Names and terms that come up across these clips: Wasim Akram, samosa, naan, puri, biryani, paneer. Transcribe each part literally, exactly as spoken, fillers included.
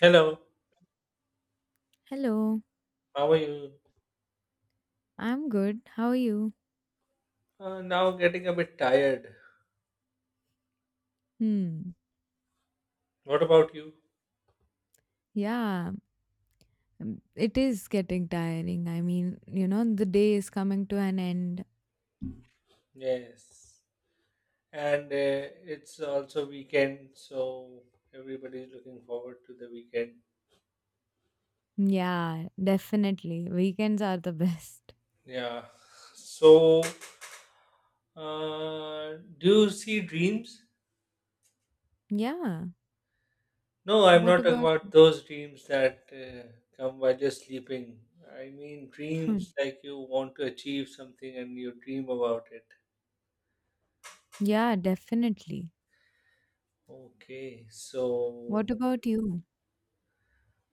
Hello, Hello, how are you? I'm good. How are you? Uh, now getting a bit tired. Hmm. What about you? Yeah, um, it is getting tiring. I mean, you know, the day is coming to an end. Yes. And uh, It's also weekend, so everybody's looking forward to the weekend. Yeah, definitely. Weekends are the best. Yeah. So, uh, do you see dreams? Yeah. No, I'm What not talking about? about those dreams that uh, come while you're sleeping. I mean Hmm. dreams like you want to achieve something and you dream about it. Yeah, definitely. Okay, so What about you?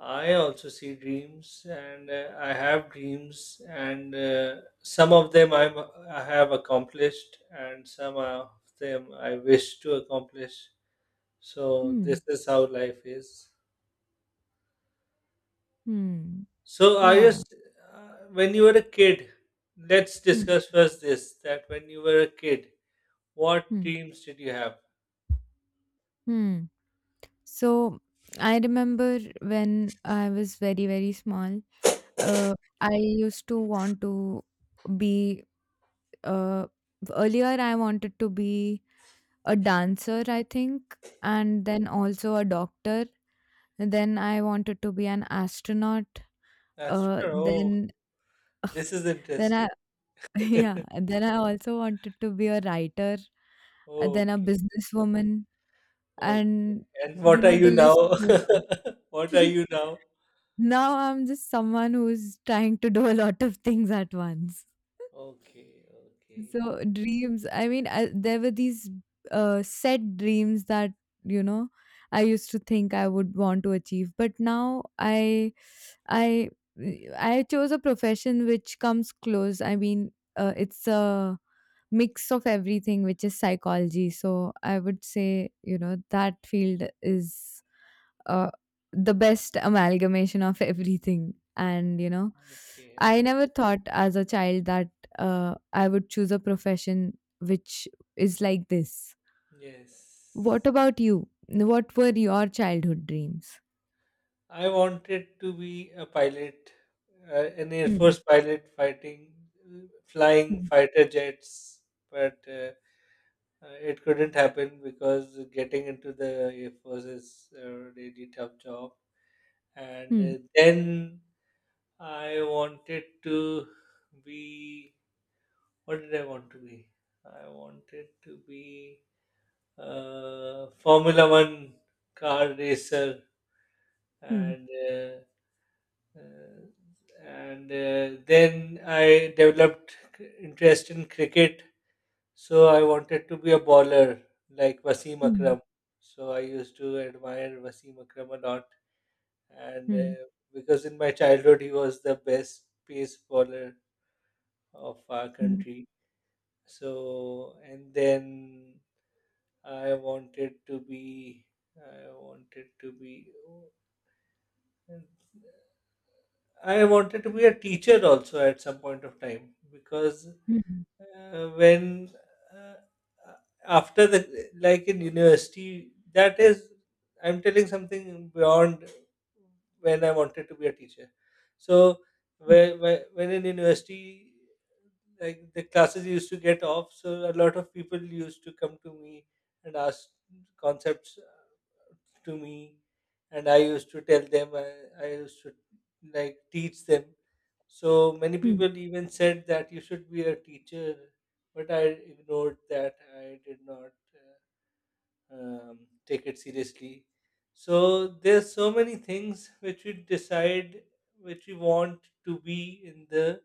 I also see dreams, and uh, I have dreams, and uh, some of them I'm, I have accomplished, and some of them I wish to accomplish. So Hmm. this is how life is. Hmm. So I Yeah. just, uh, when you were a kid, let's Hmm. discuss first this that when you were a kid, what Hmm. dreams did you have? Hmm. So I remember when I was very, very small, uh, I used to want to be uh, earlier I wanted to be a dancer, I think, and then also a doctor. And then I wanted to be an astronaut. That's Uh, sure. Oh, then this is then interesting. I yeah, and then I also wanted to be a writer, and then a Okay, businesswoman, okay. and And you what are know the you now? list goes on. What are you now? Now I'm just someone who's trying to do a lot of things at once. Okay, okay, So dreams, I mean, I, there were these uh, set dreams that, you know, I used to think I would want to achieve, but now I I I chose a profession which comes close. I mean, uh, it's a mix of everything, which is psychology. So I would say, you know, that field is uh, the best amalgamation of everything. And you know, okay, I okay. never thought as a child that uh, I would choose a profession which is like this. What Yes. about you? What were your childhood dreams? I wanted to be a pilot, uh, an Air Hmm. Force pilot fighting, uh, flying fighter jets, but uh, uh, it couldn't happen because getting into the Air Force is a really tough job. And Hmm. Uh, then I wanted to be, what did I want to be? I wanted to be. uh, Formula One car racer, Hmm. and uh, uh, and uh, then I developed c- interest in cricket. So I wanted to be a bowler like Wasim Hmm. Akram. So I used to admire Wasim Akram a lot, and Hmm. uh, because in my childhood he was the best pace bowler of our Hmm. country. So and then I wanted to be I wanted to be. And I wanted to be a teacher also at some point of time because Hmm. uh, when uh, after the like in university that is I'm telling something beyond when I wanted to be a teacher. So Hmm. when when in university like the classes used to get off, so a lot of people used to come to me and ask concepts to me, and i used to tell them i, I used to like teach them. So many Hmm. people even said that you should be a teacher, but I ignored that. I did not uh, um, take it seriously. So there's so many things which we decide which we want to be in the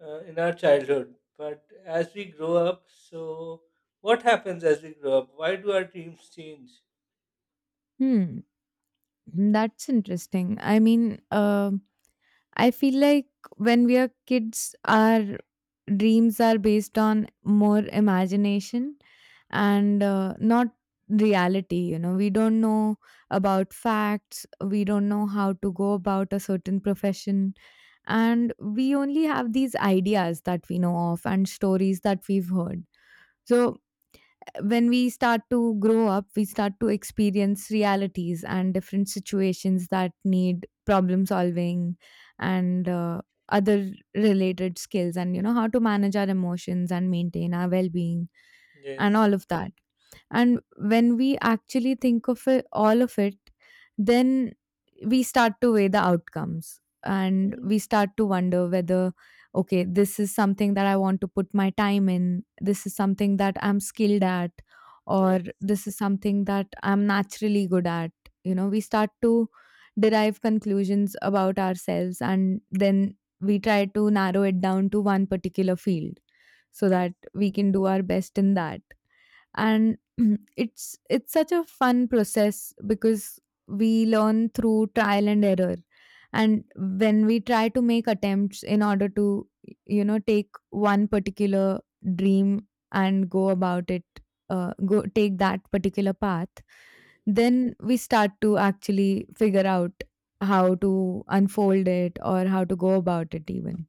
uh, in our childhood, but as we grow up, so what happens as we grow up? Why do our dreams change? Hmm, that's interesting. I mean, um I feel like when we are kids, our dreams are based on more imagination and uh, not reality. You know, we don't know about facts, we don't know how to go about a certain profession, and we only have these ideas that we know of and stories that we've heard. So, when we start to grow up, we start to experience realities and different situations that need problem solving and uh, other related skills, and you know, how to manage our emotions and maintain our well being and Yes. all of that. And when we actually think of it, all of it, then we start to weigh the outcomes and we start to wonder whether, okay, this is something that I want to put my time in, this is something that I'm skilled at, or Yes, this is something that I'm naturally good at. You know, we start to derive conclusions about ourselves and then we try to narrow it down to one particular field so that yes, we can do our best in that. And mhm, it's it's such a fun process because we learn through trial and error. And when we try to make attempts in order to, you know, take one particular dream and go about it, uh, go take that particular path, then we start to actually figure out how to unfold it or how to go about it even.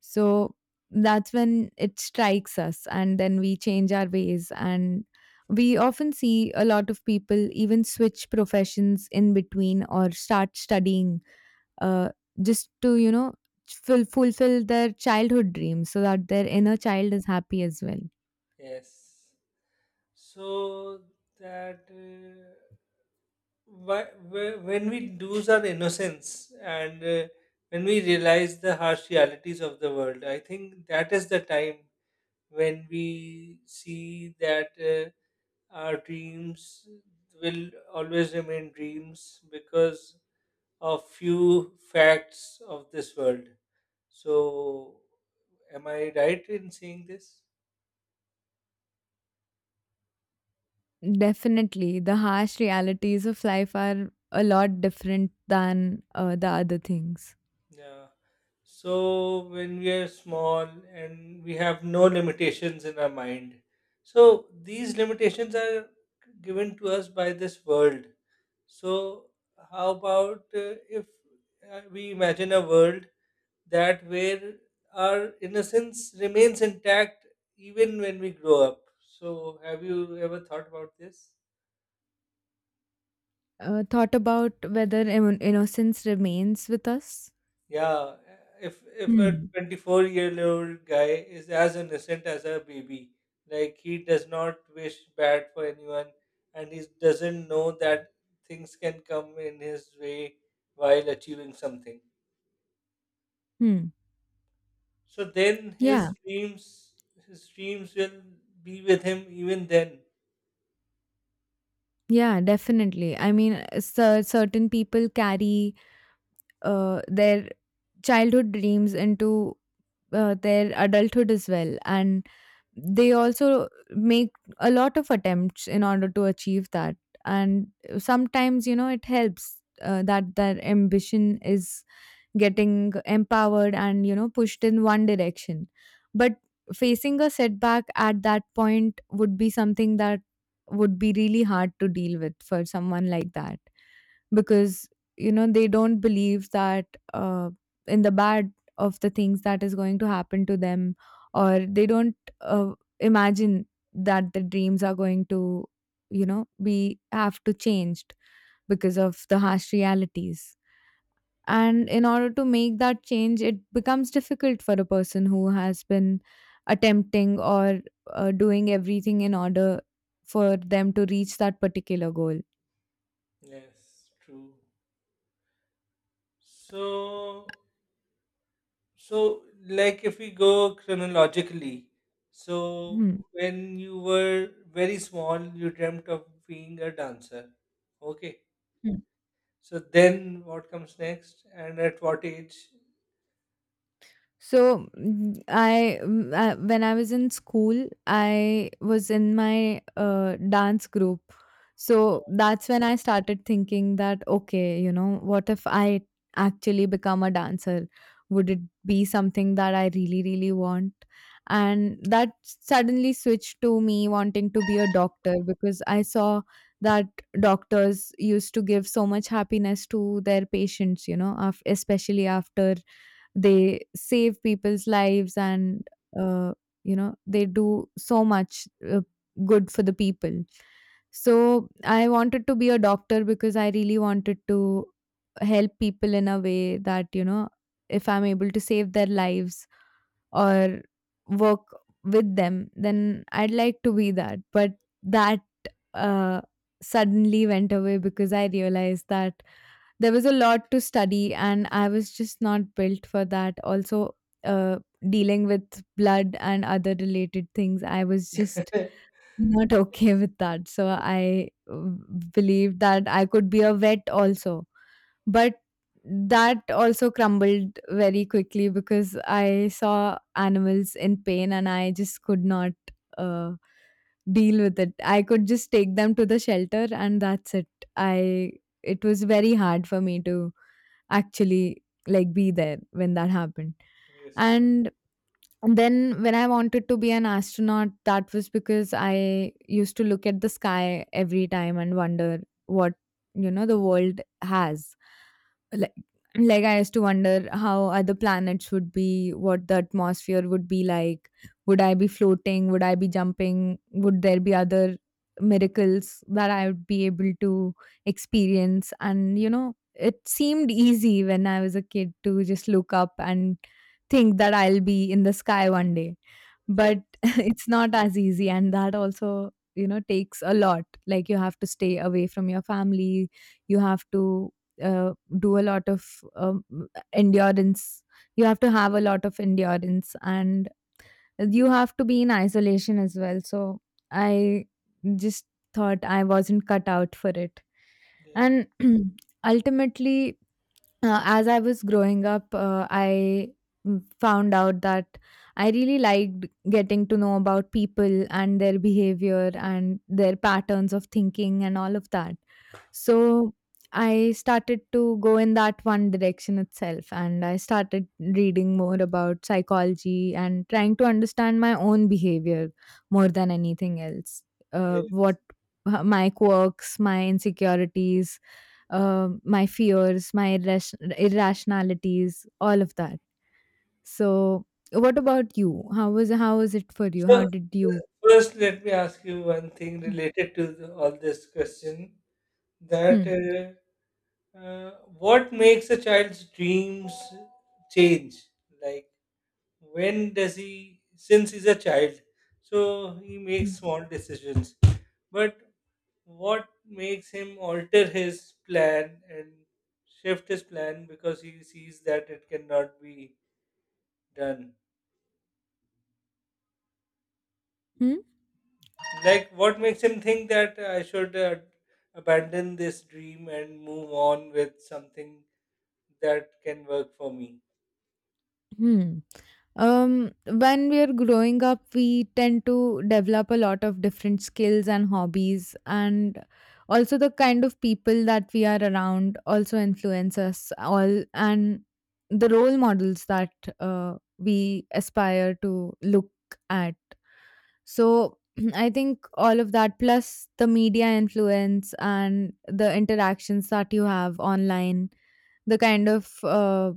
So that's when it strikes us and then we change our ways, and we often see a lot of people even switch professions in between or start studying, uh, just to, you know, ful- fulfill their childhood dreams so that their yes. inner child is happy as well. Yes. So that uh, why- wh- when we lose our innocence, and uh, when we realize the harsh realities of the world, I think that is the time when we see that uh, our dreams will always remain dreams because of few facts of this world. So, am I right in saying this? Definitely the harsh realities of life are a lot different than uh, the other things. Yeah. So when we are small and we have no limitations in our mind, so these limitations are given to us by this world. So how about uh, if uh, we imagine a world that where our innocence remains intact even when we grow up? So have you ever thought about this? Uh, thought about whether im- innocence remains with us. Yeah, if if a Hmm. twenty-four year old guy is as innocent as a baby, like he does not wish bad for anyone, and he doesn't know that things can come in his way while achieving something. Hmm. So then yeah his dreams his dreams will be with him even then. yeah definitely. I mean, cer certain people carry uh, their childhood dreams into uh, their adulthood as well, and they also make a lot of attempts in order to achieve that. And sometimes, you know, it helps uh, that that ambition is getting empowered and, you know, pushed in one direction. But facing a setback at that point would be something that would be really hard to deal with for someone like that, because, you know, they don't believe that, uh, in the bad of the things that is going to happen to them. Or they don't uh, imagine that the dreams are going to, you know, be have to changed because of the harsh realities. And in order to make that change, it becomes difficult for a person who has been attempting or uh, doing everything in order for them to reach that particular goal. Yes, true. So so, like if we go chronologically, so Hmm. when you were very small, you dreamt of being a dancer. Okay. So then what comes next? And at what age? So mm, I, mm, I when I was in school, I was in my uh, dance group. So that's when I started thinking that okay, you know, what if I actually become a dancer? Would it be something that I really really want? And that suddenly switched to me wanting to be a doctor because I saw that doctors used to give so much happiness to their patients, you know, af- especially after they save people's lives and uh, you know, they do so much uh, good for the people. So I wanted to be a doctor because I really wanted to help people in a way that, you know, if I'm able to save their lives or work with them, then I'd like to be that. But that uh, suddenly went away because I realized that there was a lot to study, and I was just not built for that. Also, uh, dealing with blood and other related things, I was just Yes, not okay with that. So I uh, believed that I could be a vet also. But that also crumbled very quickly because I saw animals in pain and I just could not uh, deal with it. I could just take them to the shelter and that's it. I It was very hard for me to actually like be there when that happened. yes, And then when I wanted to be an astronaut, that was because I used to look at the sky every time and wonder what, you know, the world has. Like, like I used to wonder how other planets would be, what the atmosphere would be like. Would I be floating? Would I be jumping? Would there be other miracles that I would be able to experience? And, you know, it seemed easy when I was a kid to just look up and think that I'll be in the sky one day. But yes, it's not as easy, and that also, you know, takes a lot. Like, you have to stay away from your family, you have to uh, do a lot of um, endurance, you have to have a lot of endurance, and you have to be in isolation as well. So, I just thought I wasn't cut out for it. And yes. ultimately, uh, as I was growing up, uh, I mm, found out that I really liked getting to know about people and their behavior and their patterns of thinking and all of that. So I started to go in that one direction itself, and I started reading more about psychology and trying to understand my own behavior more than anything else. Uh, yes. What my quirks, my insecurities, uh, my fears, my irras- irrationalities, all of that. So, what about you? How was how was it for you? So, How uh, did you? First, let me ask you one thing related to the, all this question that Hmm. uh, uh, what makes a child's dreams change? Like, when does he, since he's a child, so he makes Hmm. small decisions, but what makes him alter his plan and shift his plan because he sees that it cannot be done? Hmm. Like what makes him think that i should uh, abandon this dream and move on with something that can work for me? Hmm. Um, when we are growing up, we tend to develop a lot of different skills and hobbies, and also the kind of people that we are around also influence us all, and the role models that uh, we aspire to look at. So I think all of that, plus the media influence and the interactions that you have online, the kind of uh,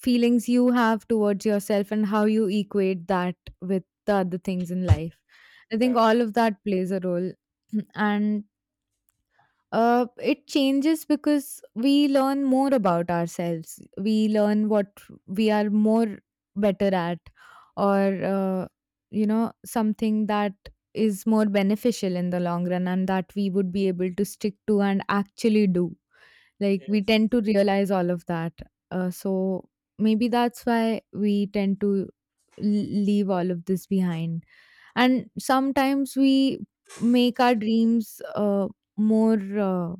feelings you have towards yourself, and how you equate that with the other things in life. I think Yeah. all of that plays a role. And uh, it changes because we learn more about ourselves. We learn what we are more better at, or uh, you know, something that is more beneficial in the long run and that we would be able to stick to and actually do. Like, we Yes. tend to realize all of that. Uh, so, maybe that's why we tend to l- leave all of this behind. And sometimes we make our dreams uh, more. Uh,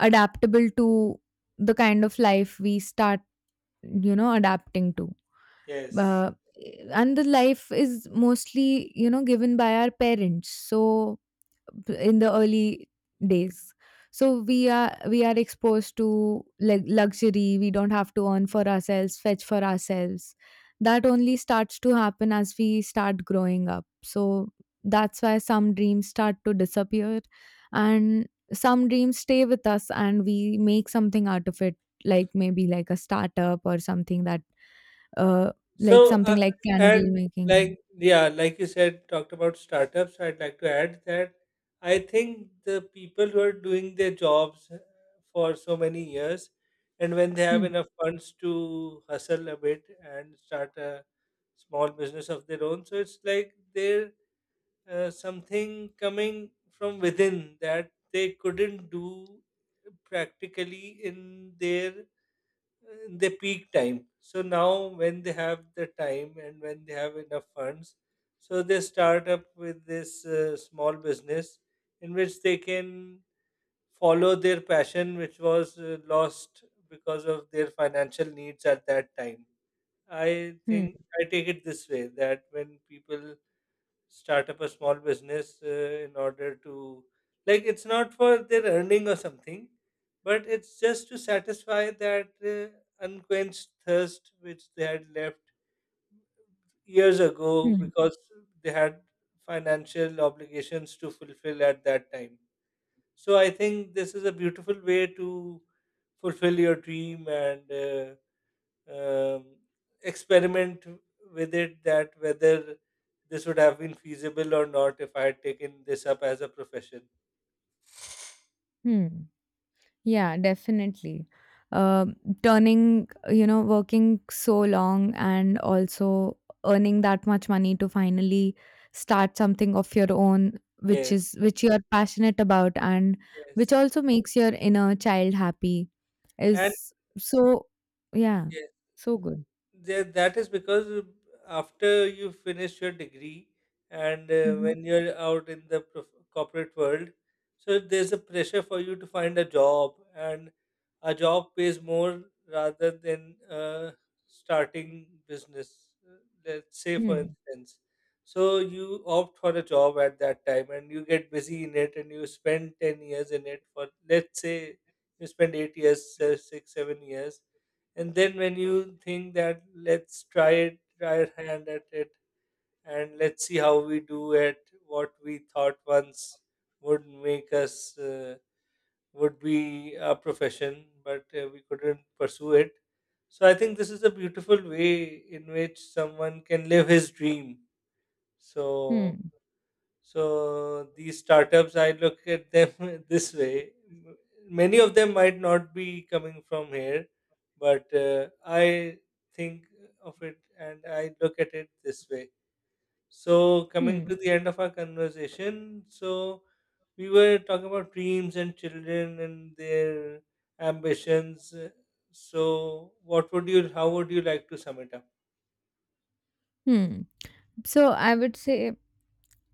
adaptable to the kind of life we start, you know, adapting to. Yes. Uh, and the life is mostly, you know, given by our parents. So in the early days, so we are we are exposed to like luxury, we don't have to earn for ourselves, fetch for ourselves. That only starts to happen as we start growing up. So that's why some dreams start to disappear, and some dreams stay with us and we make something out of it, like maybe like a startup or something that uh like So, something uh, like candle and making. like, yeah, like you said, talked about startups, I'd like to add that I think the people who are doing their jobs uh, for so many years, and when they have Hmm. enough funds to hustle a bit and start a small business of their own, so it's like they're uh, something coming from within that they couldn't do practically in their in the peak time. So now, when they have the time and when they have enough funds, so they start up with this uh, small business in which they can follow their passion, which was uh, lost because of their financial needs at that time. I Hmm. think I take it this way, that when people start up a small business uh, in order to, like, it's not for their earning or something, but it's just to satisfy that uh, unquenched thirst which they had left years ago Hmm. because they had financial obligations to fulfill at that time. So I think this is a beautiful way to fulfill your dream and uh, um, experiment with it, that whether this would have been feasible or not if I had taken this up as a profession. Hmm. Yeah, definitely. Um, turning, you know, working so long and also earning that much money to finally start something of your own, which Yes, is which you are passionate about and which yes, also makes your inner child happy, and is so yeah, yes. so good. Th- that is because after you finish your degree and uh, Hmm. when you're out in the prof- corporate world, so there's a pressure for you to find a job, and a job pays more rather than uh, starting business, uh, let's say for Hmm. instance. So you opt for a job at that time and you get busy in it, and you spend ten years in it. For let's say you spend eight years, uh, six seven years, and then when you think that let's try it try our hand at it and let's see how we do at what we thought once would make us, uh, would be a profession, but uh, we couldn't pursue it. So I think this is a beautiful way in which someone can live his dream. So Hmm. so these startups, I look at them this way. M- Many of them might not be coming from here, but uh, I think of it and I look at it this way. So coming Hmm. to the end of our conversation, so we were talking about dreams and children and their ambitions. Uh, So what would you? How would you like to sum it up? Hmm. So I would say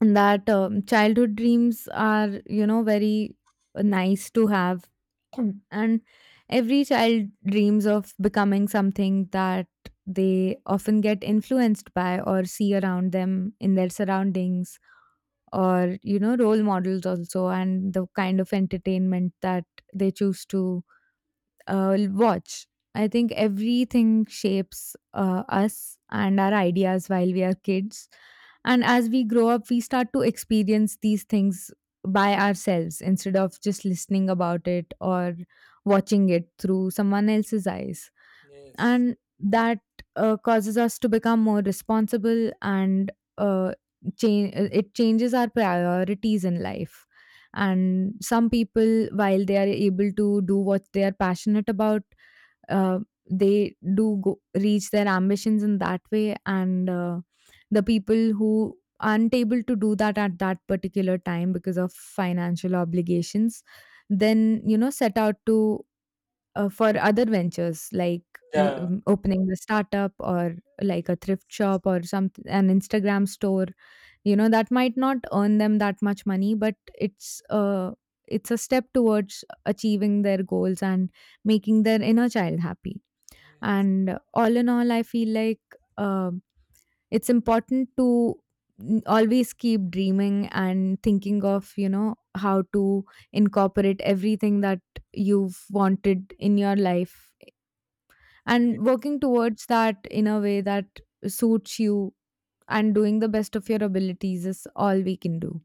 that um, childhood dreams are, you know, very nice to have. And every child dreams of becoming something that they often get influenced by or see around them in their surroundings, or, you know, role models also, and the kind of entertainment that they choose to uh, watch. I think everything shapes uh, us and our ideas while we are kids. And as we grow up, we start to experience these things by ourselves, instead of just listening about it or watching it through someone else's eyes. Yes. And that uh, causes us to become more responsible and uh, change it changes our priorities in life. And some people, while they are able to do what they are passionate about, uh, they do go, reach their ambitions in that way. And uh, the people who aren't able to do that at that particular time because of financial obligations, then, you know, set out to, uh, for other ventures like y- Yeah. um, opening the startup or like a thrift shop or some an Instagram store, you know, that might not earn them that much money, but it's uh it's a step towards achieving their goals and making their inner child happy. Yes. And all in all, I feel like uh, it's important to n- always keep dreaming and thinking of, you know, how to incorporate everything that you've wanted in your life Yeah. and working towards that in a way that suits you. And doing the best of your abilities is all we can do.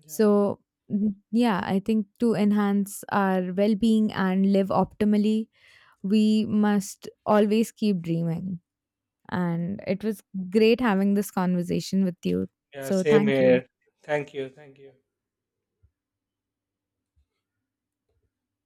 Yeah. So mm, yeah, I think to enhance our well-being and live optimally, we must always keep dreaming. And it was great having this conversation with you, Yeah, so same thank you. here. Thank you. Thank you.